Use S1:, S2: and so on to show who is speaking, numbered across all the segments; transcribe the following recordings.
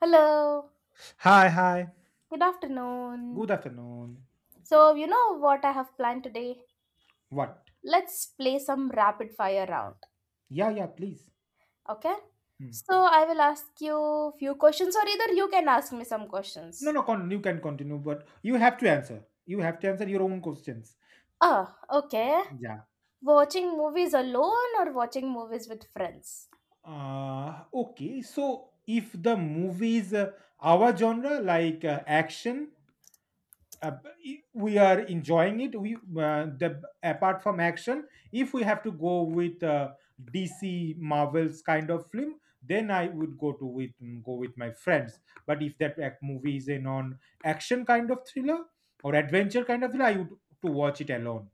S1: Hello,
S2: Hi, hi.
S1: good
S2: Good
S1: afternoon.
S2: afternoon.
S1: So, you know what I have planned today?
S2: What?
S1: Let's play some rapid fire round,
S2: Yeah, yeah, please.
S1: okay?
S2: Hmm.
S1: So, I will ask you few questions or either you can ask me some
S2: No,
S1: questions.
S2: no, you can continue, but you have to answer. You have to answer your own questions.
S1: Ah, okay.
S2: Yeah.
S1: Watching movies alone or watching movies with friends?
S2: Okay, so if the movie is our genre, like action, uh, we are enjoying it, we the apart from action, if we have to go with DC Marvels kind of film, then I would go with my friends. But if that movie is a non action kind of thriller, or adventure kind of thriller, I would to watch it alone.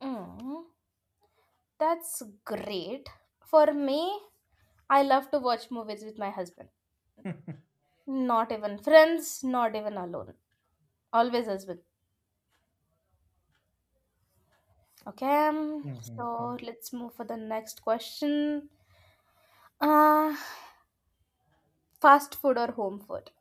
S1: Mm, that's great. For me, I love to watch movies with my husband. Not even friends, not even alone. Always husband. Okay,
S2: Mhm,
S1: so
S2: mhm.
S1: let's move for the next question. Uh, Fast food or home food?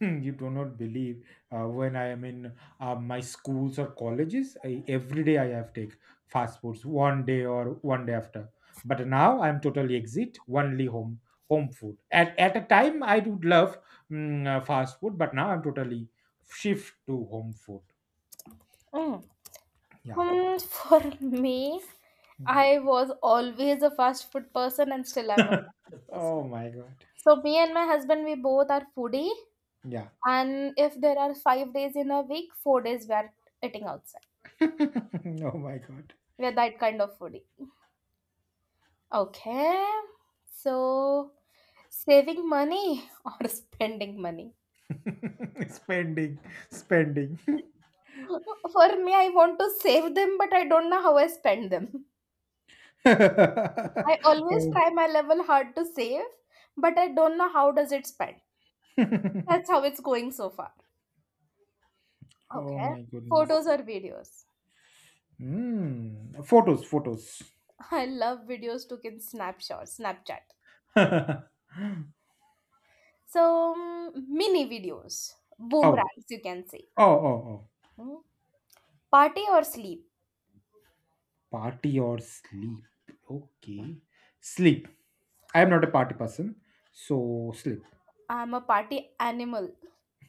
S2: You do not believe when I am in my schools or colleges, every day I have take fast foods one day or one day after. But now I'm totally exit, only home food. At a time I would love fast food, but now I'm totally shift to home food.
S1: Mm.
S2: Yeah.
S1: Hmm, for me,
S2: Mm.
S1: I was always a fast food person and still I'm a fast food person.
S2: Oh my god.
S1: So me and my husband, we both are foodie,
S2: Yeah.
S1: and if there are five days in a week, four days we are eating outside.
S2: Oh my god.
S1: We are that kind of foodie. Okay, so saving money or spending money?
S2: Spending, spending.
S1: For me, I want to save them, but I don't know how I spend them. I always
S2: Oh.
S1: try my level hard to save, but I don't know how does it spend. That's how it's going so far.
S2: Oh
S1: Okay.
S2: my
S1: Photos
S2: goodness.
S1: or videos.
S2: Mm. Photos, photos.
S1: I love videos took in snapshot, Snapchat. So mini videos,
S2: Oh,
S1: boomerangs you can say.
S2: oh, oh, oh.
S1: Hmm. Party or sleep.
S2: Party or sleep. Okay. Sleep. I am not a party person. So sleep.
S1: I'm a party animal,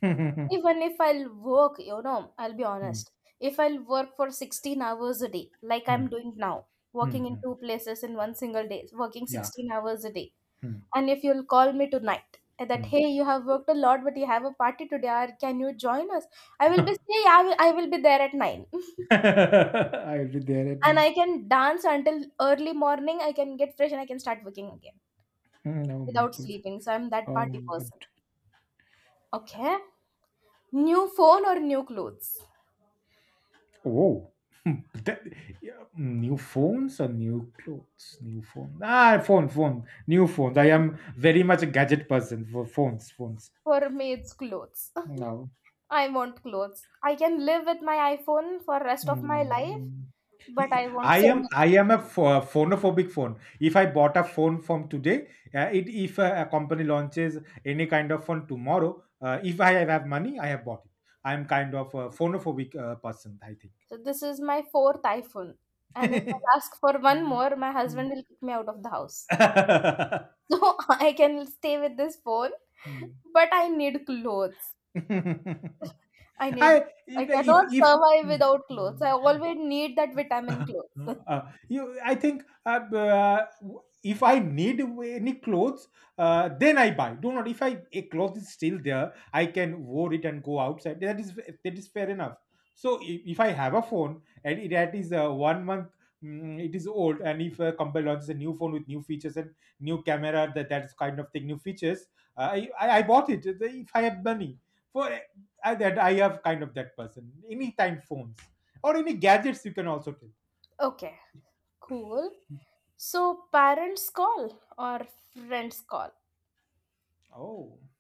S1: even if I'll work, you know, I'll be
S2: Hmm,
S1: honest. If I'll work for 16 hours a day, like
S2: hmm,
S1: I'm doing now,
S2: hmm,
S1: working in
S2: hmm.
S1: two places in one single day, working
S2: Yeah.
S1: 16 hours a day,
S2: Hmm,
S1: and if you'll call me tonight and that,
S2: hmm.
S1: hey, you have worked a lot, but you have a party today, or can you join us? I will be, say, yeah, I will be there at 9.
S2: I'll be there at
S1: And
S2: night.
S1: I can dance until early morning, I can get fresh and I can start working again
S2: Hmm. Oh my
S1: without
S2: god.
S1: sleeping. So I'm that
S2: Oh my
S1: party
S2: god.
S1: person. Okay. New phone or new clothes?
S2: Oh. That, yeah, new phones or new clothes? New phone. Phone, phone. New phones. I am very much a gadget person, for phones, phones.
S1: For me, it's clothes.
S2: No.
S1: I want clothes. I can live with my iPhone for rest of my life,
S2: Mm.
S1: but I want
S2: I
S1: so
S2: am
S1: much.
S2: I am a phonophobic phone. If I bought a phone from today, it if a company launches any kind of phone tomorrow, if I have money, I have bought it. I am kind of a phonophobic person, I think.
S1: So this is my fourth iPhone. And if I ask for one
S2: Mm.
S1: more, my
S2: Mm.
S1: husband will kick me out of the house. So I can stay with this phone, but I need clothes.
S2: Mm.
S1: I need
S2: I,
S1: I
S2: if
S1: cannot
S2: if
S1: survive
S2: mm,
S1: without clothes.
S2: mm.
S1: I always need that vitamin clothes.
S2: I think if I need any clothes, then I buy. Do not, if I, a cloth is still there, I can wear it and go outside. That is, that is fair enough. So if I have a phone, and that is one month, it is old, and if a company launches a new phone with new features and new camera, that that is kind of thing, new features, I bought it. If I have money for, I have kind of that person. Anytime phones or any gadgets, you can also tell.
S1: Okay, cool. So parents call or friends call?
S2: Oh,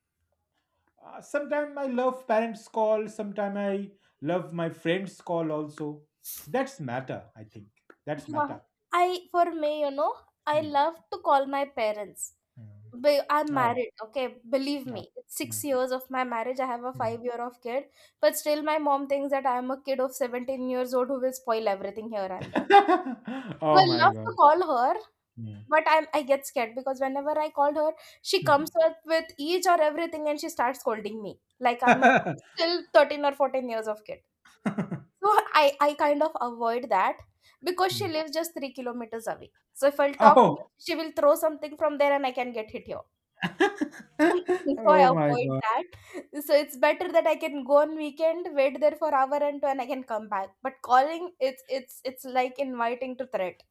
S2: sometimes I love parents' call. Sometimes I love my friends' call also. That's matter, I think. That's
S1: Yeah,
S2: matter.
S1: I for me, you know, I
S2: Mm,
S1: love to call my parents.
S2: mm.
S1: I'm
S2: Oh,
S1: married, okay? Believe
S2: oh,
S1: me, it's six
S2: mm,
S1: years of my marriage. I have a
S2: mm.
S1: 5 year of kid, but still, my mom thinks that I'm a kid of 17 years old who will spoil everything here and there. So
S2: Oh
S1: I
S2: my
S1: love
S2: god.
S1: to call her,
S2: Mm,
S1: but I get scared because whenever I called her, she
S2: mm.
S1: comes up with each or everything and she starts scolding me like I'm still 13 or 14 years of kid. So I kind of avoid that because she
S2: Mm.
S1: lives just 3 kilometers away. So if I'll talk,
S2: Oh.
S1: she will throw something from there and I can get hit here. So I
S2: Oh my
S1: avoid
S2: god.
S1: that. So it's better that I can go on weekend, wait there for hour and two, and I can come back. But calling, it's like inviting to threat.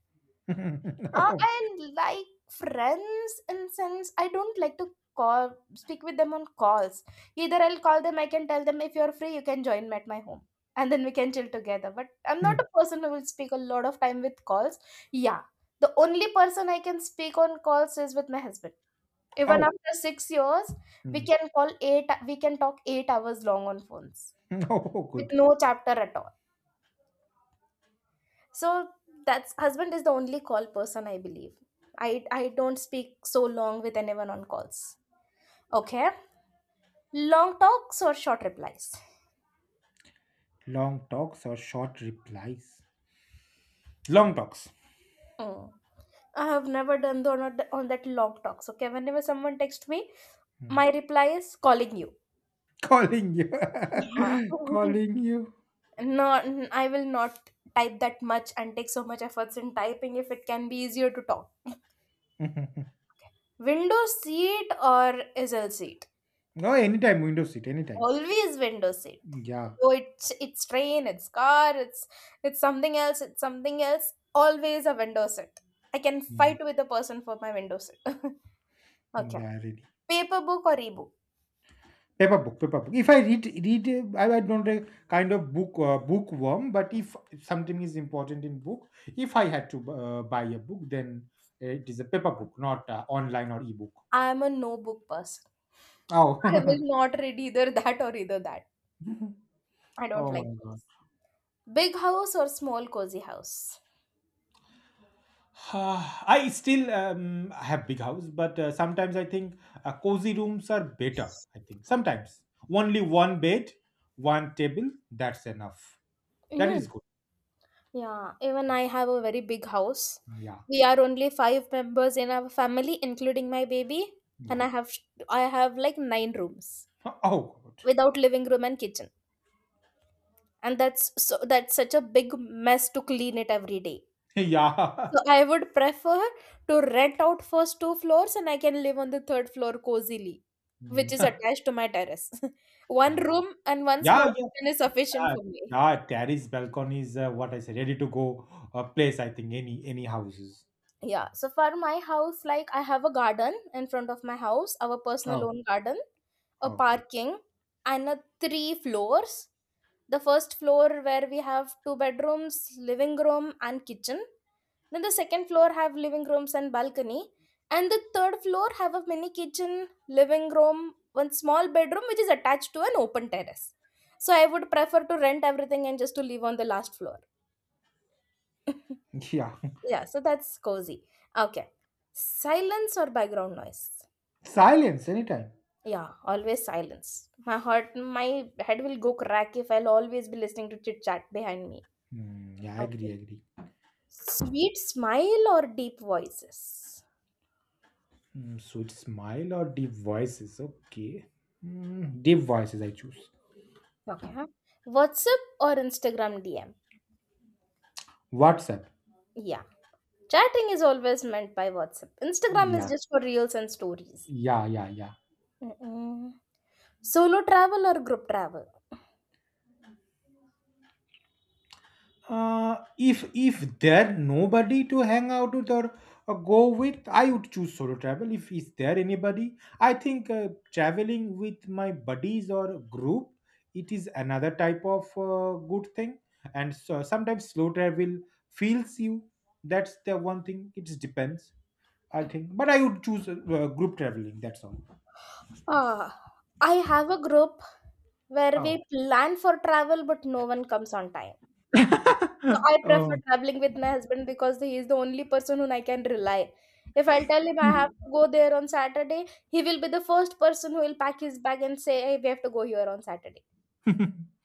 S2: Oh.
S1: I like friends in sense I don't like to call speak with them on calls. Either I'll call them, I can tell them if you're free, you can join me at my home. And then we can chill together. But I'm not
S2: Mm.
S1: a person who will speak a lot of time with calls. Yeah. The only person I can speak on calls is with my husband. Even
S2: Oh.
S1: after 6 years,
S2: Mm.
S1: we can talk 8 hours long on phones
S2: Oh,
S1: with
S2: good. Good.
S1: no chapter at all. So that's husband is the only call person I believe. I don't speak so long with anyone on calls. Okay, long talks or short replies.
S2: Long talks or short replies. Long talks.
S1: Mm. I have never done the, on that long talks. Okay, whenever someone texts me,
S2: Hmm.
S1: my reply is calling you.
S2: Calling you.
S1: Yeah.
S2: Calling you.
S1: I will not type that much and take so much efforts in typing if it can be easier to talk. Okay. Window seat or easel seat?
S2: No, anytime window seat, anytime.
S1: Always window seat.
S2: Yeah.
S1: So it's train, it's car, it's something else, it's something else. Always a window seat. I can
S2: Yeah.
S1: fight with a person for my window seat. Okay.
S2: Yeah, really.
S1: Paper book or e-book?
S2: Paper book, paper book. If I I don't kind of book, bookworm, but if something is important in book, if I had to buy a book, then it is a paper book, not online or ebook.
S1: I am a no book person. I
S2: Oh.
S1: will not read either that or either that. I don't
S2: Oh
S1: like
S2: my god.
S1: books. Big house or small cozy house?
S2: I still have big house, but sometimes I think cozy rooms are better. I think sometimes only one bed, one table, that's enough. That is
S1: Mm.
S2: good.
S1: Yeah, even I have a very big house.
S2: Yeah,
S1: We are only five members in our family, including my baby, and
S2: yeah.
S1: I have like nine rooms,
S2: Oh, good.
S1: without living room and kitchen, and that's such a big mess to clean it every day.
S2: Yeah.
S1: So I would prefer to rent out first two floors and I can live on the third floor cozily,
S2: Mm.
S1: which is attached to my terrace. One
S2: Uh,
S1: room and one small
S2: yeah, yeah,
S1: kitchen is sufficient
S2: uh,
S1: for me.
S2: yeah. Terrace balcony is what I said. Ready to go place. I think any houses.
S1: Yeah, so for my house, like I have a garden in front of my house, our personal
S2: Oh,
S1: own garden, a
S2: oh,
S1: parking, and a three floors. The first floor where we have two bedrooms, living room and kitchen, then the second floor have living rooms and balcony, and the third floor have a mini kitchen, living room, one small bedroom which is attached to an open terrace. So I would prefer to rent everything and just to live on the last floor.
S2: yeah.
S1: Yeah, so that's cozy. Okay. Silence or background noise?
S2: Silence anytime.
S1: Yeah, always silence. My heart, my head will go crack if I'll always be listening to chit chat behind me.
S2: Mm, yeah, I
S1: Okay.
S2: agree, agree.
S1: Sweet smile or deep voices?
S2: Mm, sweet smile or deep voices? Okay. Mm, deep voices I choose.
S1: Okay. WhatsApp or Instagram DM?
S2: WhatsApp.
S1: Yeah. Chatting is always meant by WhatsApp. Instagram is
S2: Yeah.
S1: just for reels and stories.
S2: Yeah, yeah, yeah.
S1: Mm-mm. Solo travel or group travel?
S2: If, there nobody to hang out with, or go with, I would choose solo travel. If is there anybody, I think traveling with my buddies or group, it is another type of good thing. And so sometimes slow travel feels you. That's the one thing. It depends. I think, but I would choose group traveling. That's all.
S1: Uh, I have a group where
S2: Oh.
S1: we plan for travel, but no one comes on time. So I
S2: Oh,
S1: prefer traveling with my husband because he is the only person who I can rely. If I'll tell him I have to go there on Saturday, he will be the first person who will pack his bag and say, "Hey, we have to go here on Saturday."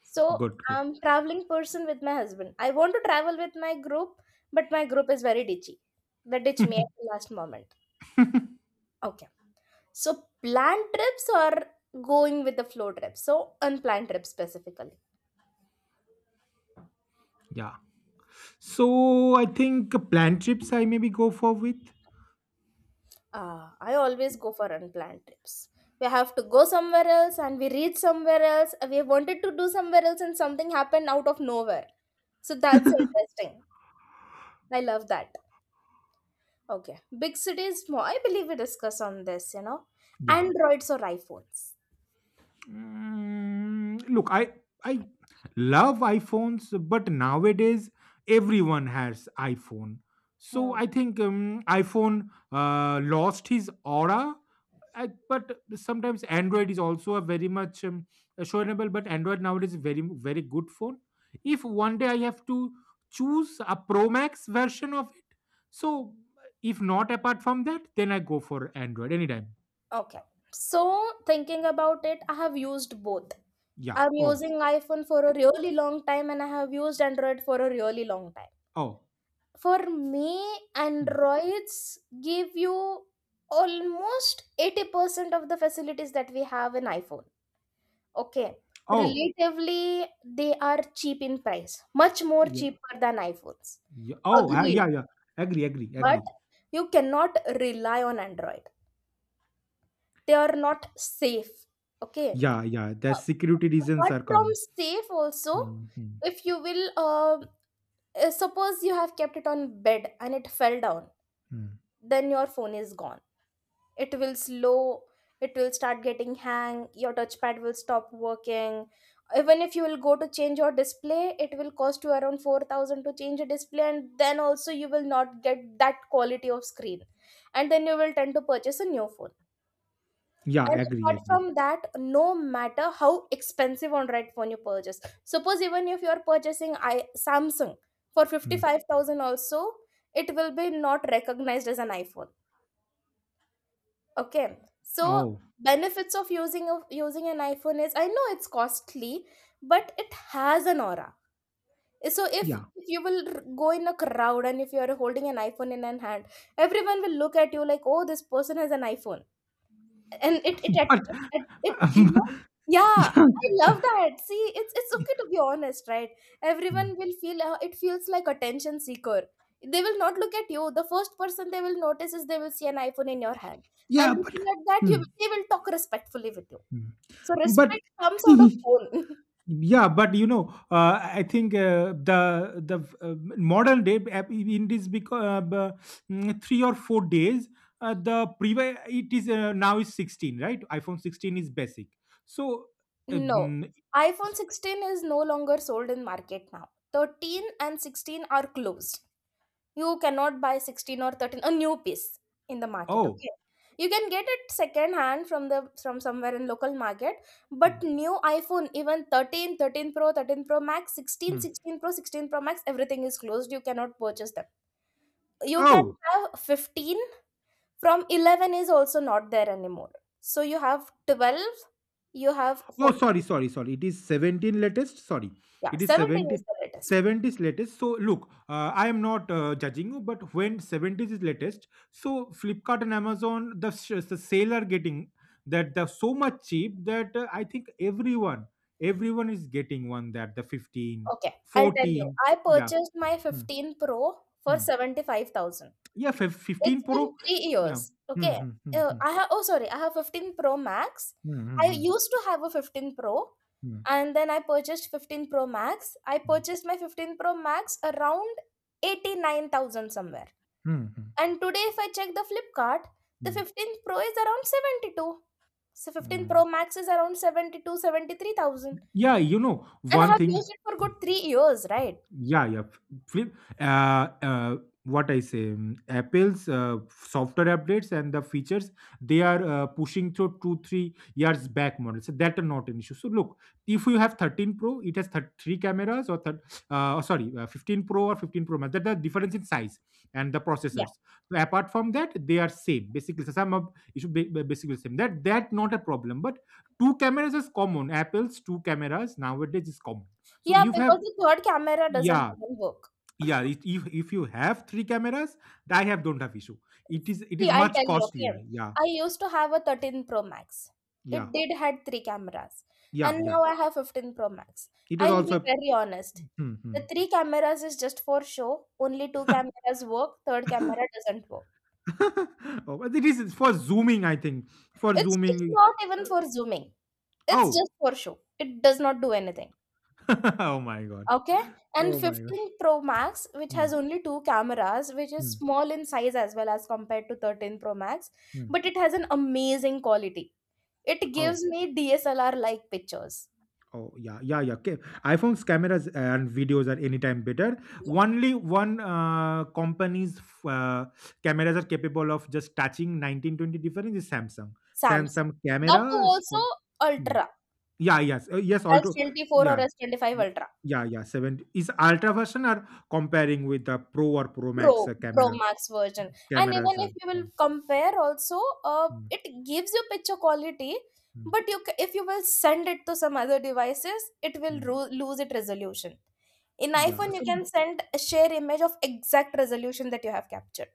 S1: So
S2: good, good.
S1: I'm traveling person with my husband. I want to travel with my group, but my group is very ditchy. They ditch me at the last moment. Okay. So planned trips or going with the flow trips? So unplanned trips specifically.
S2: Yeah. So I think planned trips I maybe go for with.
S1: Ah, I always go for unplanned trips. We have to go somewhere else and we reach somewhere else. We wanted to do somewhere else and something happened out of nowhere. So that's interesting. I love that. Okay. Big cities, more. I believe we discuss on this, you know.
S2: Yeah.
S1: Androids or iPhones.
S2: Mm, look, I love iPhones, but nowadays everyone has iPhone. So
S1: Hmm.
S2: I think iPhone lost his aura. But sometimes Android is also a very much showable. But Android nowadays is very very good phone. If one day I have to choose a Pro Max version of it, so if not apart from that, then I go for Android anytime.
S1: Okay. So thinking about it, I have used both.
S2: Yeah.
S1: I'm
S2: Oh.
S1: using iPhone for a really long time and I have used Android for a really long time.
S2: Oh.
S1: For me,
S2: Hmm.
S1: Androids give you almost 80% of the facilities that we have in iPhone. Okay.
S2: Oh,
S1: Relatively, they are cheap in price, much more
S2: yeah,
S1: cheaper than iPhones.
S2: yeah. Oh,
S1: Agreed.
S2: yeah, yeah. Agree, agree,
S1: But
S2: agree.
S1: you cannot rely on Android. They are not safe. Okay.
S2: Yeah, yeah. The
S1: Uh,
S2: security reasons
S1: apart
S2: are
S1: from
S2: come.
S1: safe also,
S2: Hmm, hmm,
S1: if you will suppose you have kept it on bed and it fell down,
S2: hmm.
S1: then your phone is gone. It will slow, it will start getting hang, your touchpad will stop working. Even if you will go to change your display, it will cost you around 4000 to change a display and then also you will not get that quality of screen, and then you will tend to purchase a new phone.
S2: Yeah,
S1: And
S2: agree,
S1: apart
S2: agree.
S1: from that, no matter how expensive Android phone you purchase, suppose even if you are purchasing I Samsung for
S2: Hmm.
S1: 55,000 also, it will be not recognized as an iPhone. Okay. So
S2: Oh,
S1: benefits of using an iPhone is I know it's costly, but it has an aura. So
S2: yeah.
S1: if you will go in a crowd and if you are holding an iPhone in an hand, everyone will look at you like, oh, this person has an iPhone. And it it
S2: But
S1: it, it, it you know Yeah,
S2: yeah.
S1: I love that. See, it's okay to be honest, right?
S2: Hmm.
S1: Everyone will feel, it feels like attention seeker. They will not look at you. The first person they will notice is they will see an iPhone in your hand,
S2: Yeah,
S1: and
S2: but
S1: looking at that
S2: hmm,
S1: you, they will talk respectfully with you.
S2: hmm.
S1: So
S2: But
S1: respect comes out of phone.
S2: yeah, but you know, I think the modern day app in this, because 3 or 4 days, the previous, it is now is 16, right? iPhone 16 is basic, so
S1: No,
S2: um,
S1: iPhone 16 is no longer sold in market now. 13 and 16 are closed. You cannot buy 16 or 13, a new piece in the market,
S2: oh.
S1: okay? You can get it second hand from somewhere in local market,
S2: Hmm.
S1: but new iPhone, even 13, 13 Pro, 13 Pro Max, 16,
S2: Hmm.
S1: 16 Pro, 16 Pro Max, everything is closed. You cannot purchase them. You can
S2: Oh.
S1: have 15 from 11 is also not there anymore. So you have 12, you have
S2: Oh, sorry,
S1: 14.
S2: sorry, sorry. It is 17 latest. Sorry.
S1: Yeah,
S2: It is
S1: 17 is
S2: 70
S1: the latest one.
S2: seventies latest. So, look, I am not judging you, but when 70s is latest, so Flipkart and Amazon, the sale are getting that they're so much cheap that I think everyone is getting one, that the fifteen
S1: Okay, I'll tell you.
S2: fourteen
S1: I
S2: Yeah.
S1: purchased my
S2: Hmm,
S1: 15 Pro for
S2: hmm.
S1: 75,000.
S2: Yeah, 15
S1: It's been
S2: Pro.
S1: 3
S2: Yeah.
S1: years.
S2: Hmm,
S1: Okay.
S2: hmm, hmm, hmm,
S1: I have 15 Pro Max.
S2: hmm,
S1: I
S2: hmm,
S1: used to have a 15 Pro
S2: hmm, hmm,
S1: and then I purchased 15 Pro Max. I
S2: hmm,
S1: purchased my 15 Pro Max around 89,000 somewhere.
S2: hmm, hmm,
S1: And today if I check the Flipkart, the
S2: hmm.
S1: 15 Pro is around 72. So 15 Pro Max is around 72-73 thousand.
S2: Yeah, you know,
S1: And I
S2: one
S1: have
S2: thing.
S1: used it for good 3 years, right?
S2: Yeah, yeah. Flip. What I say, Apple's software updates and the features, they are pushing through 2-3 years back models. So that are not an issue. So look, if you have 13 Pro, it has three cameras, or or sorry, 15 Pro or 15 Pro Max. That the difference in size and the
S1: Yeah.
S2: processors. So apart from that, they are same. Basically, so some of it should be basically same. That, not a problem. But two cameras is common. Apple's two cameras nowadays is common. So
S1: Yeah,
S2: you have.
S1: because the third camera doesn't
S2: Yeah,
S1: even work.
S2: yeah. If you have three cameras, I have don't have issue. It is, it
S1: See,
S2: is
S1: I'll
S2: much
S1: tell you,
S2: costlier,
S1: okay.
S2: yeah,
S1: I used to have a 13 Pro Max.
S2: yeah,
S1: It did had three cameras.
S2: yeah,
S1: And
S2: yeah,
S1: now I have 15 Pro Max.
S2: it was
S1: I'll be
S2: also.
S1: very honest.
S2: Hmm, hmm.
S1: The three cameras is just for show. Only two cameras work, third camera doesn't work.
S2: Oh, but it is for zooming, I think. For
S1: It's
S2: zooming.
S1: not
S2: uh,
S1: even for zooming. It's
S2: oh.
S1: just for show. It does not do anything.
S2: Oh my god.
S1: Okay? And
S2: Oh my god.
S1: 15 Pro Max, which
S2: Hmm,
S1: has only two cameras, which is
S2: hmm,
S1: small in size as well as compared to 13 Pro Max,
S2: hmm.
S1: but it has an amazing quality. It
S2: Oh.
S1: gives me DSLR like pictures.
S2: Oh yeah, yeah, yeah. Okay. iPhone's cameras and videos are anytime better.
S1: Yeah,
S2: Only one company's uh, cameras are capable of just touching 1920 difference is Samsung.
S1: Samsung.
S2: Samsung
S1: That too
S2: cameras.
S1: also
S2: Hmm.
S1: Ultra,
S2: Yeah, yes, yes. Also,
S1: S24 or
S2: yeah,
S1: S25
S2: yeah,
S1: Ultra.
S2: yeah, yeah. Seven is ultra version are comparing with the Pro or Pro Max
S1: Pro, Pro Max version. And even
S2: cameras. Are.
S1: if you will
S2: Hmm,
S1: compare also,
S2: hmm,
S1: it gives you picture quality,
S2: hmm,
S1: but if you will send it to some other devices, it will
S2: hmm.
S1: lose its resolution. In
S2: Yeah.
S1: iPhone, you
S2: So,
S1: can send share image of exact resolution that you have captured.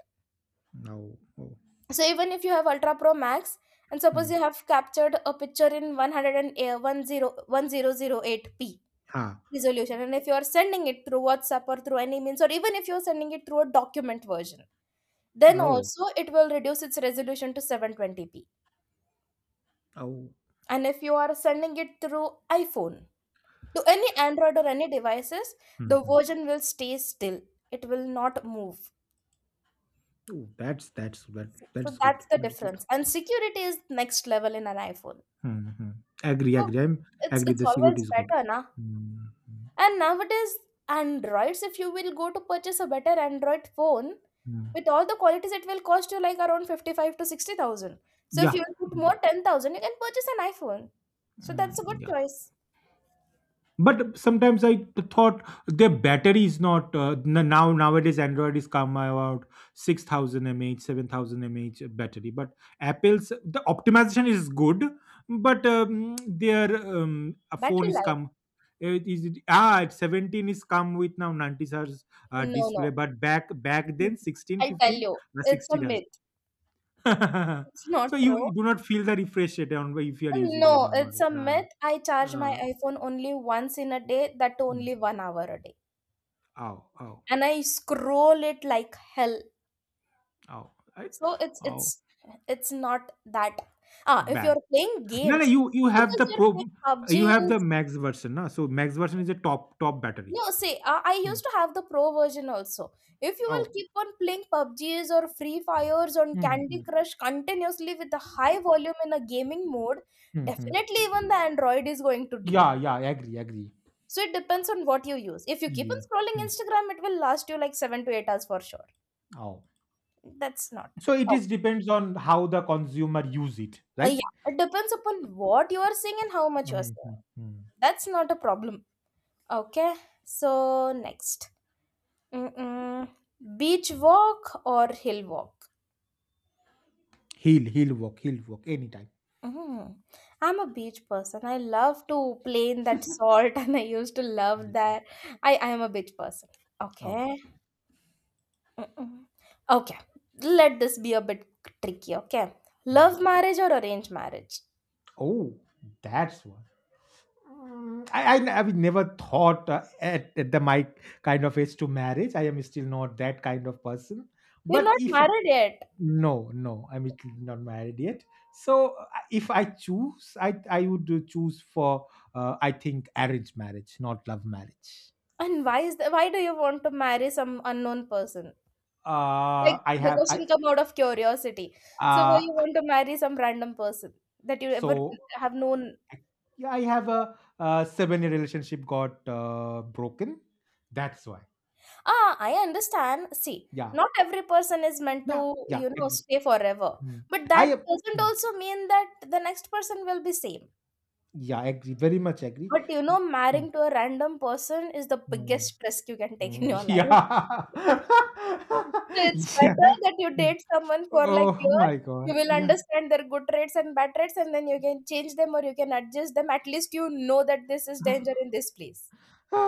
S2: no. Oh.
S1: So even if you have ultra pro max and
S2: Hmm.
S1: suppose you have captured a picture in 100 and 101008 p
S2: Ah.
S1: resolution, and if you are sending it through whatsapp or through any means, or even if you're sending it through a document version, then
S2: Oh.
S1: also it will reduce its resolution to 720p.
S2: Oh.
S1: And if you are sending it through iphone to any android or any devices,
S2: Hmm.
S1: the
S2: Hmm.
S1: version will stay still, it will not move.
S2: Oh,
S1: So
S2: that's good.
S1: that's the
S2: That's good.
S1: difference, and security is next level in an iphone.
S2: Mm-hmm. Agree,
S1: So
S2: agree. I'm
S1: it's
S2: agree.
S1: it's
S2: The security
S1: always
S2: is good.
S1: better, na?
S2: Mm-hmm.
S1: And nowadays, Androids, if you will go to purchase a better Android phone
S2: Mm-hmm.
S1: with all the qualities, it will cost you like around 55 to 60,000. So if
S2: Yeah.
S1: you will put
S2: Mm-hmm.
S1: more 10,000, you can purchase an iPhone. So
S2: Mm,
S1: that's a good
S2: yeah.
S1: choice.
S2: But sometimes I thought, their battery is not now nowadays android is come about 6000 mAh 7000 mAh battery, but apple's the optimization is good, but their a phone
S1: Battery
S2: is
S1: life?
S2: come. It is, at 17 is come with now 90 hertz
S1: No,
S2: display,
S1: no.
S2: but back then 16
S1: I'll tell
S2: 15,
S1: you, it's a
S2: 60 hertz.
S1: myth. It's
S2: So
S1: not
S2: you
S1: true.
S2: do not feel the refresh rate on, if you are using it
S1: No, it's
S2: normally.
S1: a myth. I charge
S2: Uh,
S1: my iPhone only once in a day, that too
S2: mm.
S1: only 1 hour a day.
S2: Ow. Ow.
S1: And I scroll it like hell.
S2: Oh, I,
S1: So it's
S2: oh,
S1: it's it's not that. Ah, if
S2: bad.
S1: you're playing
S2: No, no,
S1: games,
S2: you, have
S1: suppose
S2: the
S1: you're
S2: pro,
S1: playing
S2: you
S1: PUBG.
S2: have the
S1: is-
S2: max version, no? So max version is a top battery.
S1: No, say I
S2: Mm.
S1: used to have the pro version also. If you will
S2: Oh,
S1: keep on playing PUBGs or Free Fires on
S2: mm-hmm.
S1: Candy Crush continuously with a high volume in a gaming mode,
S2: Hmm.
S1: definitely even the Android is going to deem.
S2: Yeah, yeah, I agree, agree.
S1: So it depends on what you use. If you keep on
S2: Yeah.
S1: scrolling
S2: Mm.
S1: Instagram, it will last you like 7 to 8 hours for sure.
S2: Oh,
S1: That's not.
S2: so it is depends on how the consumer use it, right?
S1: Yeah, it depends upon what you are seeing and how much you are seeing.
S2: Mm-hmm. Mm.
S1: That's not a problem. Okay, so next. Mm-mm. Beach walk or hill walk?
S2: He'll, work, he'll work anytime.
S1: Mm. I'm a beach person. I love to play in that salt and I used to
S2: Yeah.
S1: love that. I am a beach person.
S2: Oh,
S1: Okay. Mm-mm. Okay. Let this be a bit tricky. Okay. Love
S2: mm.
S1: marriage or arranged marriage?
S2: Oh, that's what. Mm, I've never thought at the my kind of age to marriage. I am still not that kind of person.
S1: You're
S2: But
S1: not
S2: if
S1: married yet.
S2: no, no, I'm
S1: Okay.
S2: still not married yet. So if I choose, I would choose for, I think arranged marriage, not love marriage.
S1: And why do you want to marry some unknown person? Like
S2: I
S1: the
S2: have I
S1: question come out of curiosity. So why
S2: uh
S1: you want to marry some random person that you ever
S2: so
S1: have known?
S2: uh, yeah, I have a, 7 year relationship got broken. That's why.
S1: Ah, I understand. See,
S2: Yeah,
S1: not every person is meant
S2: yeah,
S1: to,
S2: yeah.
S1: you know,
S2: Exactly.
S1: stay forever.
S2: Mm.
S1: But that
S2: I ap-
S1: doesn't
S2: mm.
S1: also mean that the next person will be same.
S2: Yeah, I agree. Very much agree.
S1: But
S2: Mm.
S1: marrying to a random person is the
S2: Mm.
S1: biggest risk you can take
S2: Mm.
S1: in your life.
S2: Yeah.
S1: So it's
S2: Yeah.
S1: better that you
S2: Mm.
S1: date someone for like
S2: Oh
S1: year.
S2: my god.
S1: You will
S2: Yeah.
S1: understand their good traits and bad traits, and then you can change them or you can adjust them. At least you know that this is danger in this place.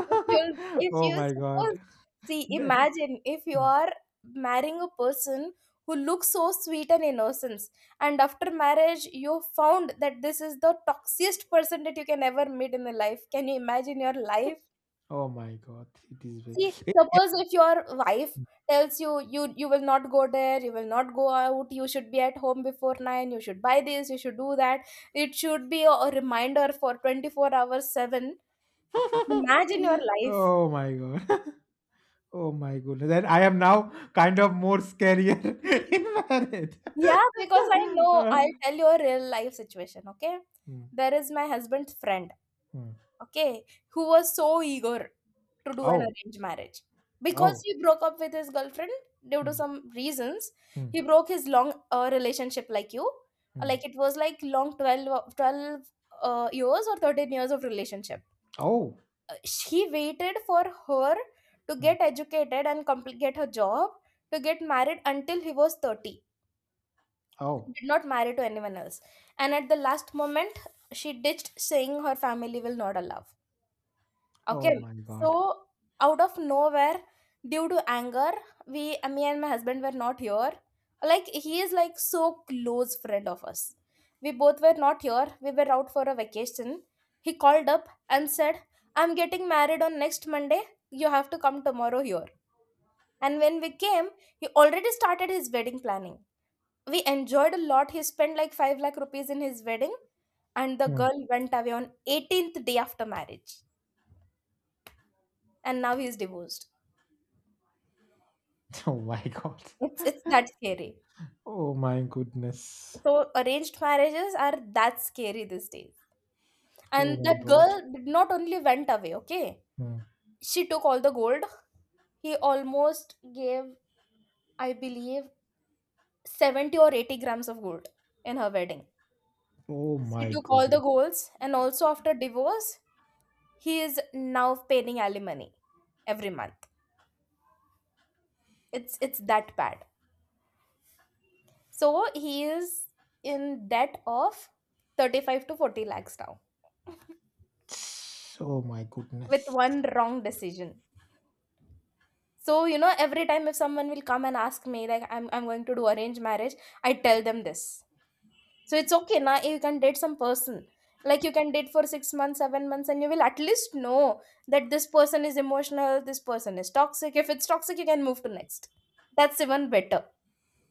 S1: If
S2: Oh
S1: you
S2: my
S1: suppose,
S2: god.
S1: see,
S2: Ne-
S1: imagine if you
S2: Mm.
S1: are marrying a person who looks so sweet and innocent, and after marriage you found that this is the toxiest person that you can ever meet in the life. Can you imagine your life?
S2: Oh my god. It is very.
S1: See, suppose if your wife tells you you will not go there, you will not go out, you should be at home before 9, you should buy this, you should do that. It should be a reminder for 24 hours seven. Imagine your life.
S2: Oh my god. Oh my goodness. Then I am now kind of more scarier in marriage.
S1: Yeah, because I know
S2: Uh,
S1: I'll tell you a real life situation. Okay,
S2: mm,
S1: there is my husband's friend,
S2: mm.
S1: okay, who was so eager to do an
S2: Oh.
S1: arranged marriage. Because
S2: Oh.
S1: he broke up with his girlfriend due to
S2: Mm,
S1: some reasons,
S2: mm,
S1: he broke his long relationship like you.
S2: mm.
S1: Like it was like long 12 years or 13 years of relationship.
S2: Oh.
S1: Uh, He waited for her to
S2: Mm.
S1: get educated and get her job to get married until he was 30. He
S2: Oh.
S1: did not marry to anyone else. And at the last moment, she ditched saying her family will not allow.
S2: Oh
S1: Okay,
S2: my god.
S1: so out of nowhere, due to anger, me and my husband were not here. Like he is like so close friend of us. We both were not here. We were out for a vacation. He called up and said, "I'm getting married on next Monday. You have to come tomorrow here." And when we came, he already started his wedding planning. We enjoyed a lot. He spent like 5 lakh rupees in his wedding, and the
S2: Hmm.
S1: girl went away on 18th day after marriage. And now he's divorced.
S2: Oh my god.
S1: It's that scary.
S2: Oh my goodness.
S1: So arranged marriages are that scary these days.
S2: Oh
S1: And
S2: my
S1: that
S2: god.
S1: girl did not only went away, okay?
S2: Hmm.
S1: She took all the gold. He almost gave, I believe, 70 or 80 grams of gold in her wedding.
S2: Oh
S1: She
S2: my
S1: took all the
S2: goodness.
S1: golds, and also after divorce, he is now paying alimony every month. It's that bad. So he is in debt of 35 to 40 lakhs now
S2: Oh my
S1: with
S2: goodness.
S1: one wrong decision. So, every time if someone will come and ask me, like, I'm going to do arranged marriage, I tell them this. So it's okay, now you can date some person. Like you can date for 6 months, 7 months, and you will at least know that this person is emotional, this person is toxic. If it's toxic, you can move to next. That's even better.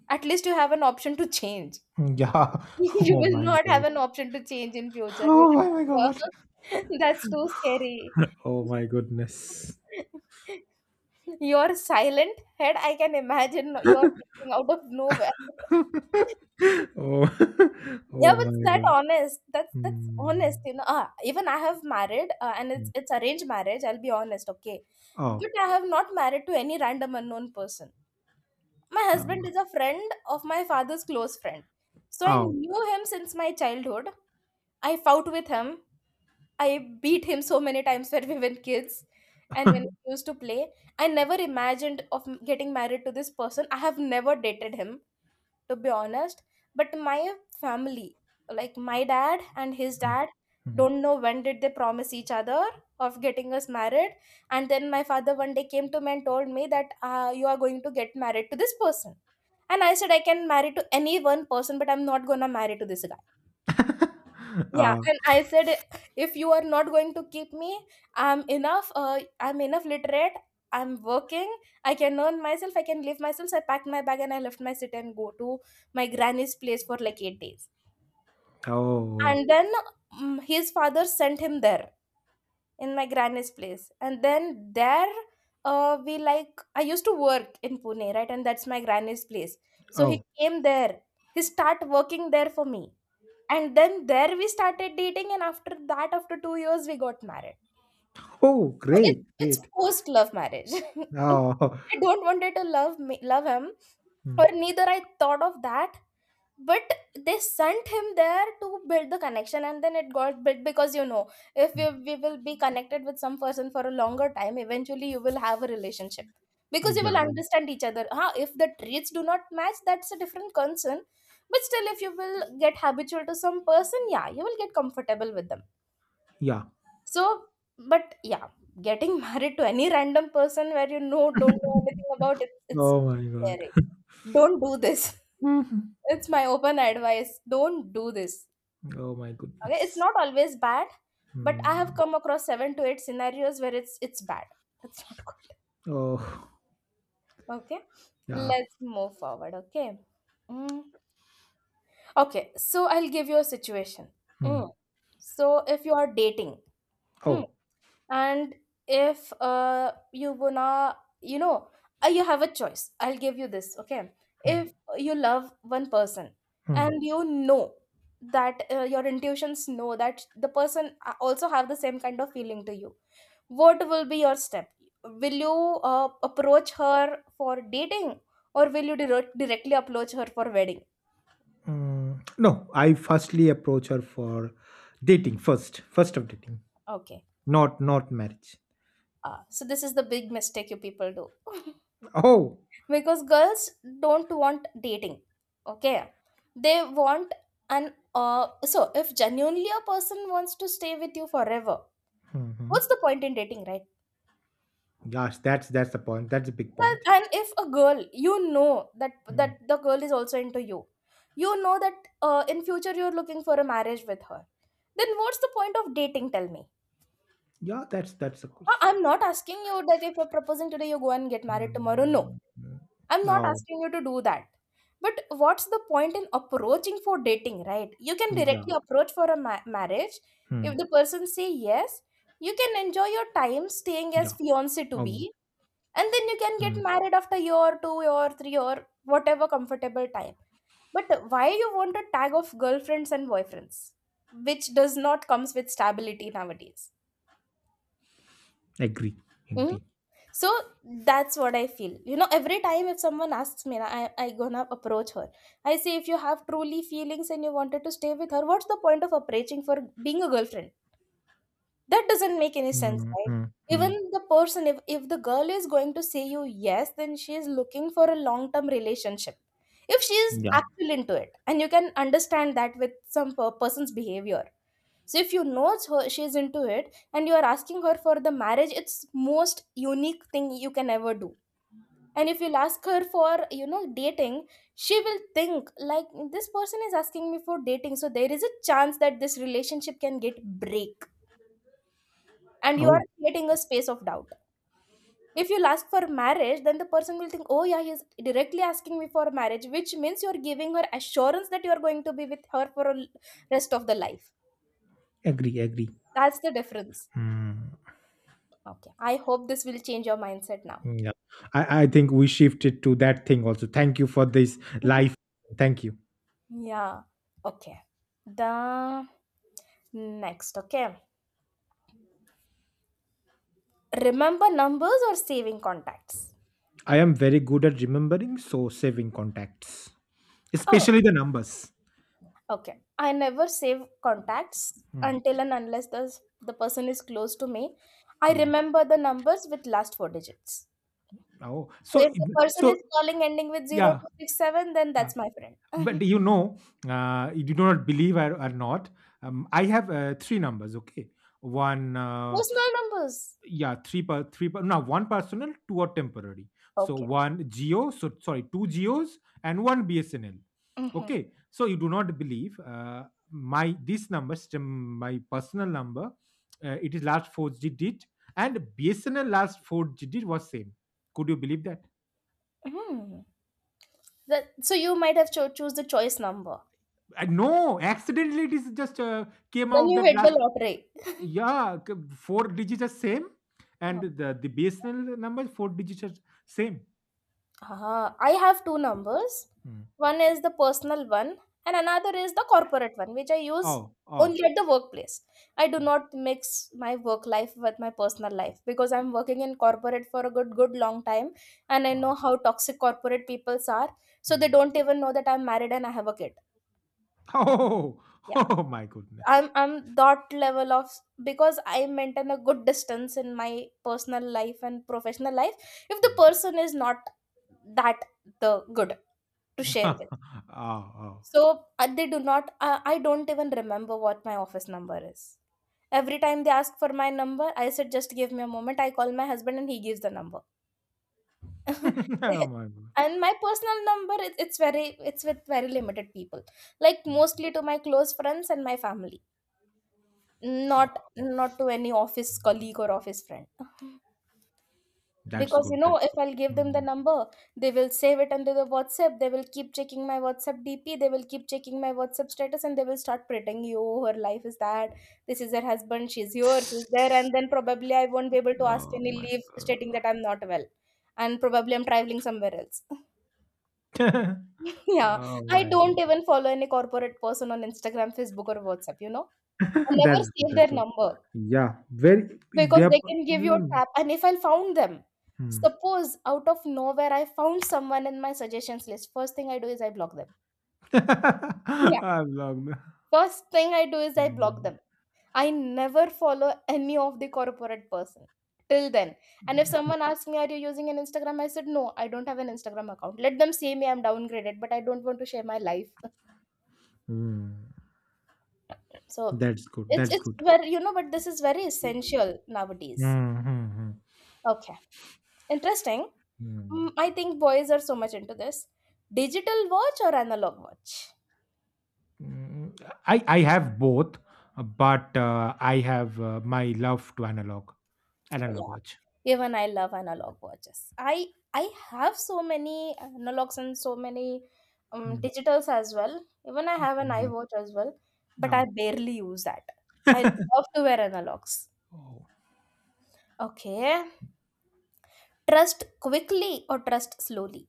S1: At least you have an option to change.
S2: Hmm. Yeah.
S1: You
S2: Oh
S1: will
S2: my
S1: not have
S2: god.
S1: an option to change in future.
S2: Oh my god.
S1: That's too scary.
S2: Oh my goodness.
S1: Your silent head, I can imagine you're thinking out of nowhere.
S2: oh.
S1: Yeah,
S2: oh
S1: but it's
S2: my
S1: that
S2: god.
S1: honest. That's
S2: Hmm.
S1: honest. Even I have married, and
S2: Hmm.
S1: it's arranged marriage. I'll be honest, okay.
S2: Oh.
S1: But I have not married to any random unknown person. My husband
S2: No.
S1: is a friend of my father's close friend, so I
S2: Oh.
S1: knew him since my childhood. I fought with him. I beat him so many times when we were kids and when we used to play. I never imagined of getting married to this person. I have never dated him, to be honest. But my family, like my dad and his
S2: Hmm.
S1: dad,
S2: Hmm.
S1: don't know when did they promise each other of getting us married. And then my father one day came to me and told me that you are going to get married to this person. And I said I can marry to any one person, but I'm not gonna marry to this. Yeah,
S2: uh,
S1: and I said, if you are not going to keep me, I'm enough. I'm enough literate. I'm working. I can earn myself. I can live myself. So I packed my bag and I left my city and go to my granny's place for like 8 days.
S2: oh.
S1: And then his father sent him there in my granny's place. And then there, we like I used to work in Pune, right? And that's my granny's place. So he
S2: Oh.
S1: came there. He start working there for me, and then there we started dating, and after that, after 2 years, we got married.
S2: Oh.
S1: So it's
S2: Great.
S1: it's
S2: Great.
S1: forced love marriage.
S2: Oh.
S1: I don't wanted to love me, love him, or neither I thought of that, but they sent him there to build the connection, and then it got built. Because if
S2: Hmm.
S1: we will be connected with some person for a longer time, eventually you will have a relationship because you
S2: Yeah,
S1: will understand each other, huh? If the traits do not match, that's a different concern, but still if you will get habitual to some person, yeah, you will get comfortable with them.
S2: yeah.
S1: So but yeah, getting married to any random person where don't know anything about it, it's
S2: Oh my god.
S1: scary. Don't do this.
S2: Mhm.
S1: It's my open advice, don't do this.
S2: Oh my
S1: Okay, it's
S2: goodness.
S1: not always bad, but I have
S2: Hmm.
S1: come across seven to eight scenarios where it's bad. It's not good.
S2: Oh,
S1: Okay,
S2: yeah.
S1: let's move forward. Okay. Mm. Okay, so I'll give you a situation.
S2: Hmm.
S1: Mm. So if you are dating, hmm,
S2: Oh.
S1: and if you wanna you have a choice, I'll give you this. Okay,
S2: Hmm.
S1: if you love one person
S2: Hmm.
S1: and you know that, your intuitions know that the person also have the same kind of feeling to you, what will be your step? Will you approach her for dating, or will you directly approach her for wedding?
S2: Hmm. No, I firstly approach her for dating first. First of dating,
S1: Okay.
S2: not marriage.
S1: So this is the big mistake you people do.
S2: Oh.
S1: Because girls don't want dating. Okay, they want an, so if genuinely a person wants to stay with you forever,
S2: Hmm.
S1: what's the point in dating, right?
S2: Gosh, that's the point. That's a big
S1: Well,
S2: point.
S1: and if a girl, you know that,
S2: Hmm.
S1: that the girl is also into you, you know that, in future you're looking for a marriage with her. Then what's the point of dating? Tell me.
S2: Yeah, that's the course.
S1: I'm not asking you that if you're proposing today, you go and get married tomorrow. No,
S2: Hmm.
S1: I'm not
S2: Oh,
S1: asking you to do that. But what's the point in approaching for dating, right? You can
S2: yeah.
S1: directly approach for a marriage.
S2: Hmm.
S1: If the person say yes, you can enjoy your time staying as
S2: Yeah.
S1: fiance to
S2: Oh.
S1: be, and then you can
S2: Hmm.
S1: get married after year two or three or whatever comfortable time. But why you want a tag of girlfriends and boyfriends which does not comes with stability nowadays?
S2: Agree.
S1: Mm.
S2: Agree.
S1: So that's what I feel. You know, every time if someone asks me, I gonna approach her. I say if you have truly feelings and you wanted to stay with her, what's the point of approaching for being a girlfriend? That doesn't make any sense,
S2: Hmm.
S1: right?
S2: Hmm. Hmm.
S1: Even the person, if the girl is going to say you yes, then she is looking for a long term relationship. If she is
S2: Yeah.
S1: actually into it and you can understand that with some person's behavior. So if you know it's her, she is into it and you are asking her for the marriage, it's most unique thing you can ever do. And if you'll ask her for dating, she will think like, this person is asking me for dating, so there is a chance that this relationship can get break, and you are
S2: Oh,
S1: creating a space of doubt. If you'll ask for marriage, then the person will think, oh yeah, he's directly asking me for marriage, which means you're giving her assurance that you're going to be with her for a rest of the life.
S2: agree, agree.
S1: That's the difference.
S2: Mm,
S1: Okay, I hope this will change your mindset now.
S2: yeah. I think we shifted to that thing also. Thank you for this life. Thank you.
S1: Yeah. Okay, the next. Okay, remember numbers or saving contacts?
S2: I am very good at remembering, so saving contacts,
S1: Oh.
S2: especially the numbers.
S1: Okay, I never save contacts
S2: Mm,
S1: until and unless the person is close to me. I
S2: mm.
S1: remember the numbers with last four digits.
S2: Oh,
S1: So
S2: so
S1: if the person
S2: so
S1: is calling ending with zero
S2: yeah.
S1: two six seven, then
S2: uh,
S1: that's my friend.
S2: But you know, you do not believe or not. I have three numbers. Okay, one
S1: Personal numbers.
S2: yeah, three per no one personal, two are temporary. So
S1: Okay.
S2: one geo so sorry, two geos and one BSNL.
S1: Mm-hmm.
S2: Okay, so you do not believe, my this number stem- my personal number, it is last 4 digit, and BSNL last 4 digit was same. Could you believe that?
S1: Mm. That, so you might have choose the choice number.
S2: I, no, accidentally it is just came
S1: Then
S2: out
S1: you
S2: that
S1: hit the
S2: last,
S1: lottery.
S2: yeah, c- 4 digits are same, and
S1: Oh.
S2: the BSNL number 4 digits are same.
S1: Ah, I have two numbers.
S2: Hmm.
S1: One is the personal one, and another is the corporate one, which I use
S2: Oh, oh.
S1: only at the workplace. I do not mix my work life with my personal life because I'm working in corporate for a good, good long time, and I
S2: Ah,
S1: know how toxic corporate peoples are. So they
S2: mm.
S1: don't even know that I'm married and I have a kid.
S2: Oh,
S1: Yeah,
S2: oh my goodness.
S1: I'm that level of, because I maintain a good distance in my personal life and professional life. If the
S2: Mm.
S1: person is not that the good to share with.
S2: oh, oh.
S1: So they do not, I don't even remember what my office number is. Every time they ask for my number, I said, just give me a moment. I call my husband and he gives the number.
S2: oh my god.
S1: And my personal number, it's very, it's with very limited people, like
S2: Mm.
S1: mostly to my close friends and my family, not,
S2: Ah,
S1: not to any office colleague or office friend.
S2: that's
S1: Because you
S2: good.
S1: know,
S2: That's
S1: if
S2: good.
S1: I'll give them the
S2: Mm.
S1: number, they will save it under the WhatsApp. They will keep checking my WhatsApp DP. They will keep checking my WhatsApp status, and they will start pretending, "Oh, her life is that. This is her husband. She's here. She's there." And then probably I won't be able to ask
S2: Oh
S1: any
S2: my
S1: leave, stating
S2: god.
S1: that I'm not well, and probably I'm traveling somewhere else. Yeah,
S2: oh
S1: I
S2: my
S1: don't
S2: god.
S1: even follow any corporate person on Instagram, Facebook, or WhatsApp. I never
S2: that's good.
S1: save their
S2: That's good.
S1: number.
S2: Yeah. Very. They
S1: Because
S2: are.
S1: they can give you a
S2: Mm.
S1: tap, and if I found them,
S2: Mm.
S1: suppose out of nowhere I found someone in my suggestions list, first thing I do is I block them. Yeah,
S2: I've logged.
S1: first thing I do is I block
S2: Mm.
S1: them. I never follow any of the corporate person till then. And if someone asks me, are you using an Instagram? I said no, I don't have an Instagram account. Let them say me I'm downgraded, but I don't want to share my life.
S2: Mm.
S1: So
S2: That's good.
S1: it's
S2: That's
S1: it's
S2: good.
S1: very, but this is very essential nowadays.
S2: Mm-hmm.
S1: Okay, interesting. Mm, I think boys are so much into this. Digital watch or analog watch?
S2: Mm, I have both, but I have my love to analog
S1: Yeah,
S2: watch.
S1: even I love analog watches. I have so many analogs and so many
S2: Mm,
S1: digitals as well. Even I have an
S2: yeah.
S1: iWatch as well, but I
S2: Now,
S1: barely use that. I love to wear analogs.
S2: oh.
S1: Okay, trust quickly or trust slowly.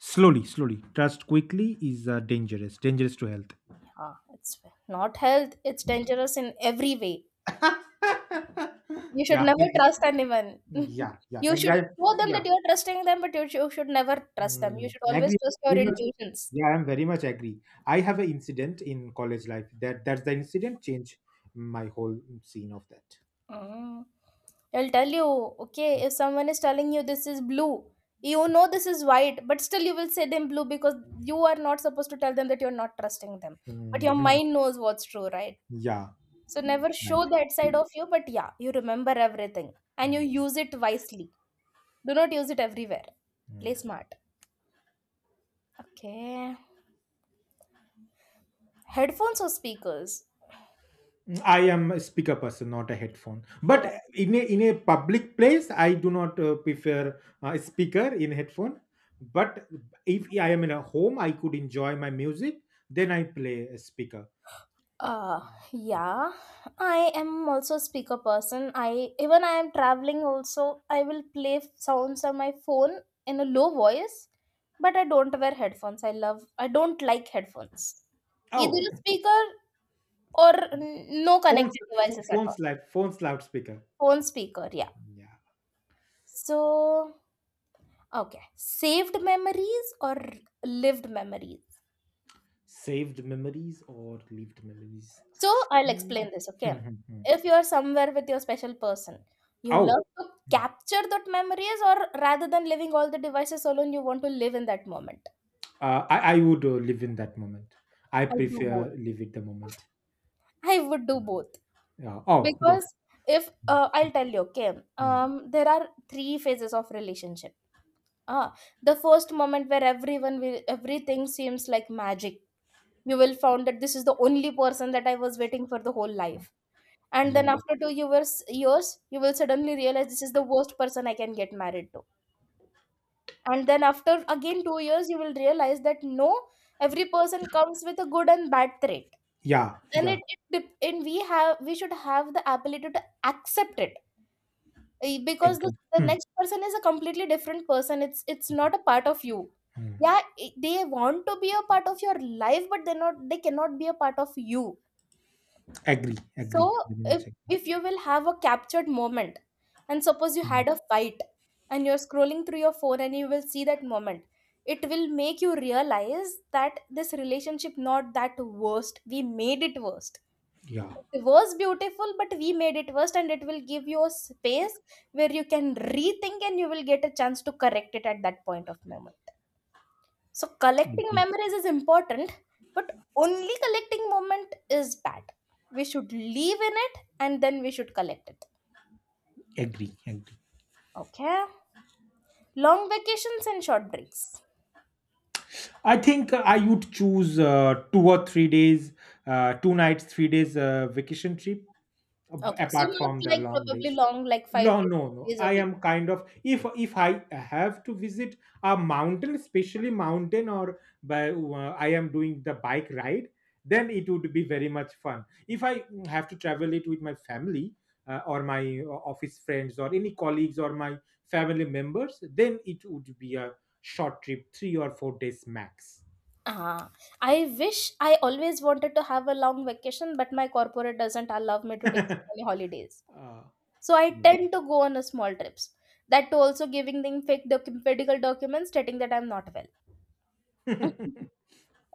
S2: Slowly, slowly. Trust quickly is dangerous, dangerous to health.
S1: Ah, it's not health, it's dangerous in every way. You should
S2: yeah,
S1: never
S2: ex-
S1: trust anyone.
S2: yeah, yeah.
S1: You
S2: Agree.
S1: should
S2: I-
S1: show them that
S2: Yeah,
S1: you're trusting them, but you, you should never trust them. You
S2: mm,
S1: should always
S2: agree.
S1: trust your
S2: Very much.
S1: intuitions.
S2: Yeah, I'm very much agree. I have an incident in college life that that's the incident changed my whole scene of that.
S1: Mm. I'll tell you, okay, if someone is telling you this is blue, you know this is white, but still you will say them blue because you are not supposed to tell them that you're not trusting them. But your
S2: Mhm.
S1: mind knows what's true, right?
S2: Yeah,
S1: So never
S2: right.
S1: show that side of you, but yeah, you remember everything and you
S2: Mm,
S1: use it wisely. Do not use it everywhere. Play
S2: mm.
S1: smart. Okay. Headphones or speakers?
S2: I am a speaker person, not a headphone. But
S1: Even,
S2: in a public place, I do not prefer a speaker in headphone. But if I am in a home, I could enjoy my music. Then I play a speaker.
S1: uh, yeah, I am also a speaker person. I Even I am traveling also, I will play sounds on my phone in a low voice, but I don't wear headphones. I love, I don't like headphones. Either
S2: Oh,
S1: a speaker or no
S2: phones,
S1: connected
S2: ph-
S1: devices at
S2: phones,
S1: all.
S2: loud, phones, loudspeaker.
S1: Phone speaker, yeah.
S2: Yeah,
S1: So okay, saved memories or lived memories.
S2: saved memories or lived memories.
S1: So I'll
S2: Mm.
S1: explain this, okay?
S2: Mhm.
S1: If you are somewhere with your special person, you
S2: Oh,
S1: love to capture that memories, or rather than living all the devices alone, you want to live in that moment.
S2: I would live in that moment. I
S1: I do
S2: prefer
S1: both.
S2: live in the moment.
S1: I would do both
S2: Yeah. Oh,
S1: because,
S2: good.
S1: if I'll tell you, okay,
S2: Mm.
S1: there are three phases of relationship. Ah, the first moment where everyone will, everything seems like magic. You will found that this is the only person that I was waiting for the whole life, and
S2: Yeah.
S1: then after 2 years years you will suddenly realize this is the worst person I can get married to. And then after again 2 years, you will realize that no, every person comes with a good and bad trait,
S2: Yeah,
S1: and
S2: yeah,
S1: we should have the ability to accept it. Eh, because the,
S2: agree.
S1: the
S2: Hmm.
S1: next person is a completely different person, it's not a part of you.
S2: Mm.
S1: Yeah, they want to be a part of your life, but they're not, they cannot be a part of you.
S2: Agree, agree,
S1: So
S2: very
S1: if,
S2: much agree.
S1: if you will have a captured moment and suppose you
S2: Hmm.
S1: had a fight and you're scrolling through your phone and you will see that moment, it will make you realize that this relationship not that worst. We made it worst.
S2: Yeah,
S1: It was beautiful, but we made it worst, and it will give you a space where you can rethink and you will get a chance to correct it at that point of memory. So collecting
S2: agree,
S1: memories is important, but only collecting moment is bad. We should live in it and then we should collect it.
S2: agree, agree.
S1: Okay. Long vacations and short breaks.
S2: I think I would choose 2 or 3 days, two nights, 3 days vacation trip ab-
S1: Okay. So
S2: apart
S1: not
S2: from the
S1: like
S2: long
S1: probably
S2: days.
S1: long, like five
S2: No, no, no.
S1: days a
S2: I
S1: week.
S2: am kind of, if I have to visit a mountain, especially mountain, or by I am doing the bike ride, then it would be very much fun. If I have to travel it with my family or my office friends or any colleagues or my family members, then it would be a short trip, 3 or 4 days max.
S1: Ah, I wish I always wanted to have a long vacation, but my corporate doesn't allow me to take
S2: uh,
S1: so many holidays. So I
S2: yeah.
S1: tend to go on a small trips. That too also giving them fake medical documents stating that I'm not well.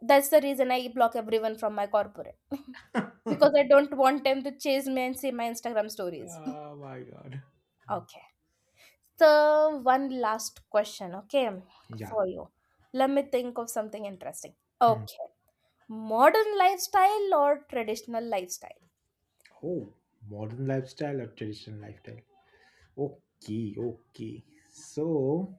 S1: That's the reason I block everyone from my corporate because I don't want them to chase me and see my Instagram stories.
S2: oh my god.
S1: Okay. So, one last question, okay,
S2: Yeah.
S1: for you. Let me think of something interesting.
S2: Hmm.
S1: Okay. Modern lifestyle or traditional lifestyle?
S2: Oh, modern lifestyle or traditional lifestyle? Okay, okay. So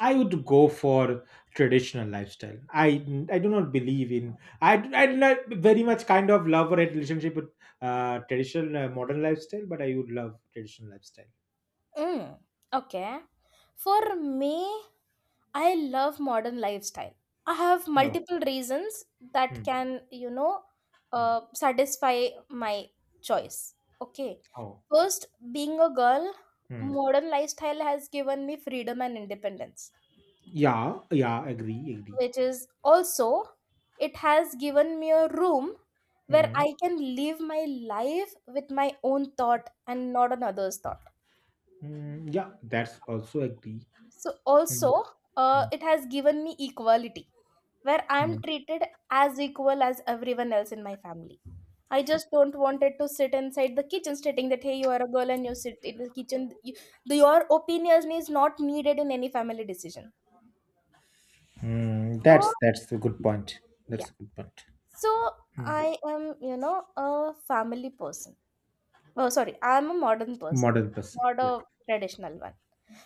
S2: I would go for traditional lifestyle. I do not very much kind of love or hate relationship with traditional modern lifestyle, but I would love traditional lifestyle.
S1: Mm, okay. For me, I love modern lifestyle. I have
S2: No.
S1: multiple reasons that
S2: Hmm.
S1: can,
S2: Hmm.
S1: satisfy my choice. Okay.
S2: Oh.
S1: First, being a girl,
S2: Hmm.
S1: modern lifestyle has given me freedom and independence,
S2: Yeah. Yeah. Agree. Agree.
S1: which is also, it has given me a room where
S2: Hmm.
S1: I can live my life with my own thought and not on others' thought.
S2: Hmm. Yeah. That's also agree.
S1: So
S2: Hmm.
S1: also,
S2: Hmm.
S1: it has given me equality, where I
S2: Hmm.
S1: am treated as equal as everyone else in my family. I just don't wanted to sit inside the kitchen stating that, hey, you are a girl and you sit in the kitchen. You, the, your opinion is not needed in any family decision.
S2: Hmm.
S1: So
S2: That's a good point. That's
S1: yeah,
S2: a good point.
S1: so
S2: Hmm.
S1: I am, a family person. Oh, sorry, I am a modern person,
S2: Modern person.
S1: not
S2: Yeah.
S1: a traditional one.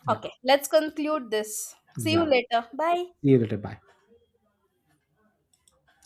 S2: Yeah.
S1: Okay, let's conclude this. See you
S2: Yeah.
S1: later. Bye.
S2: See you later. Bye.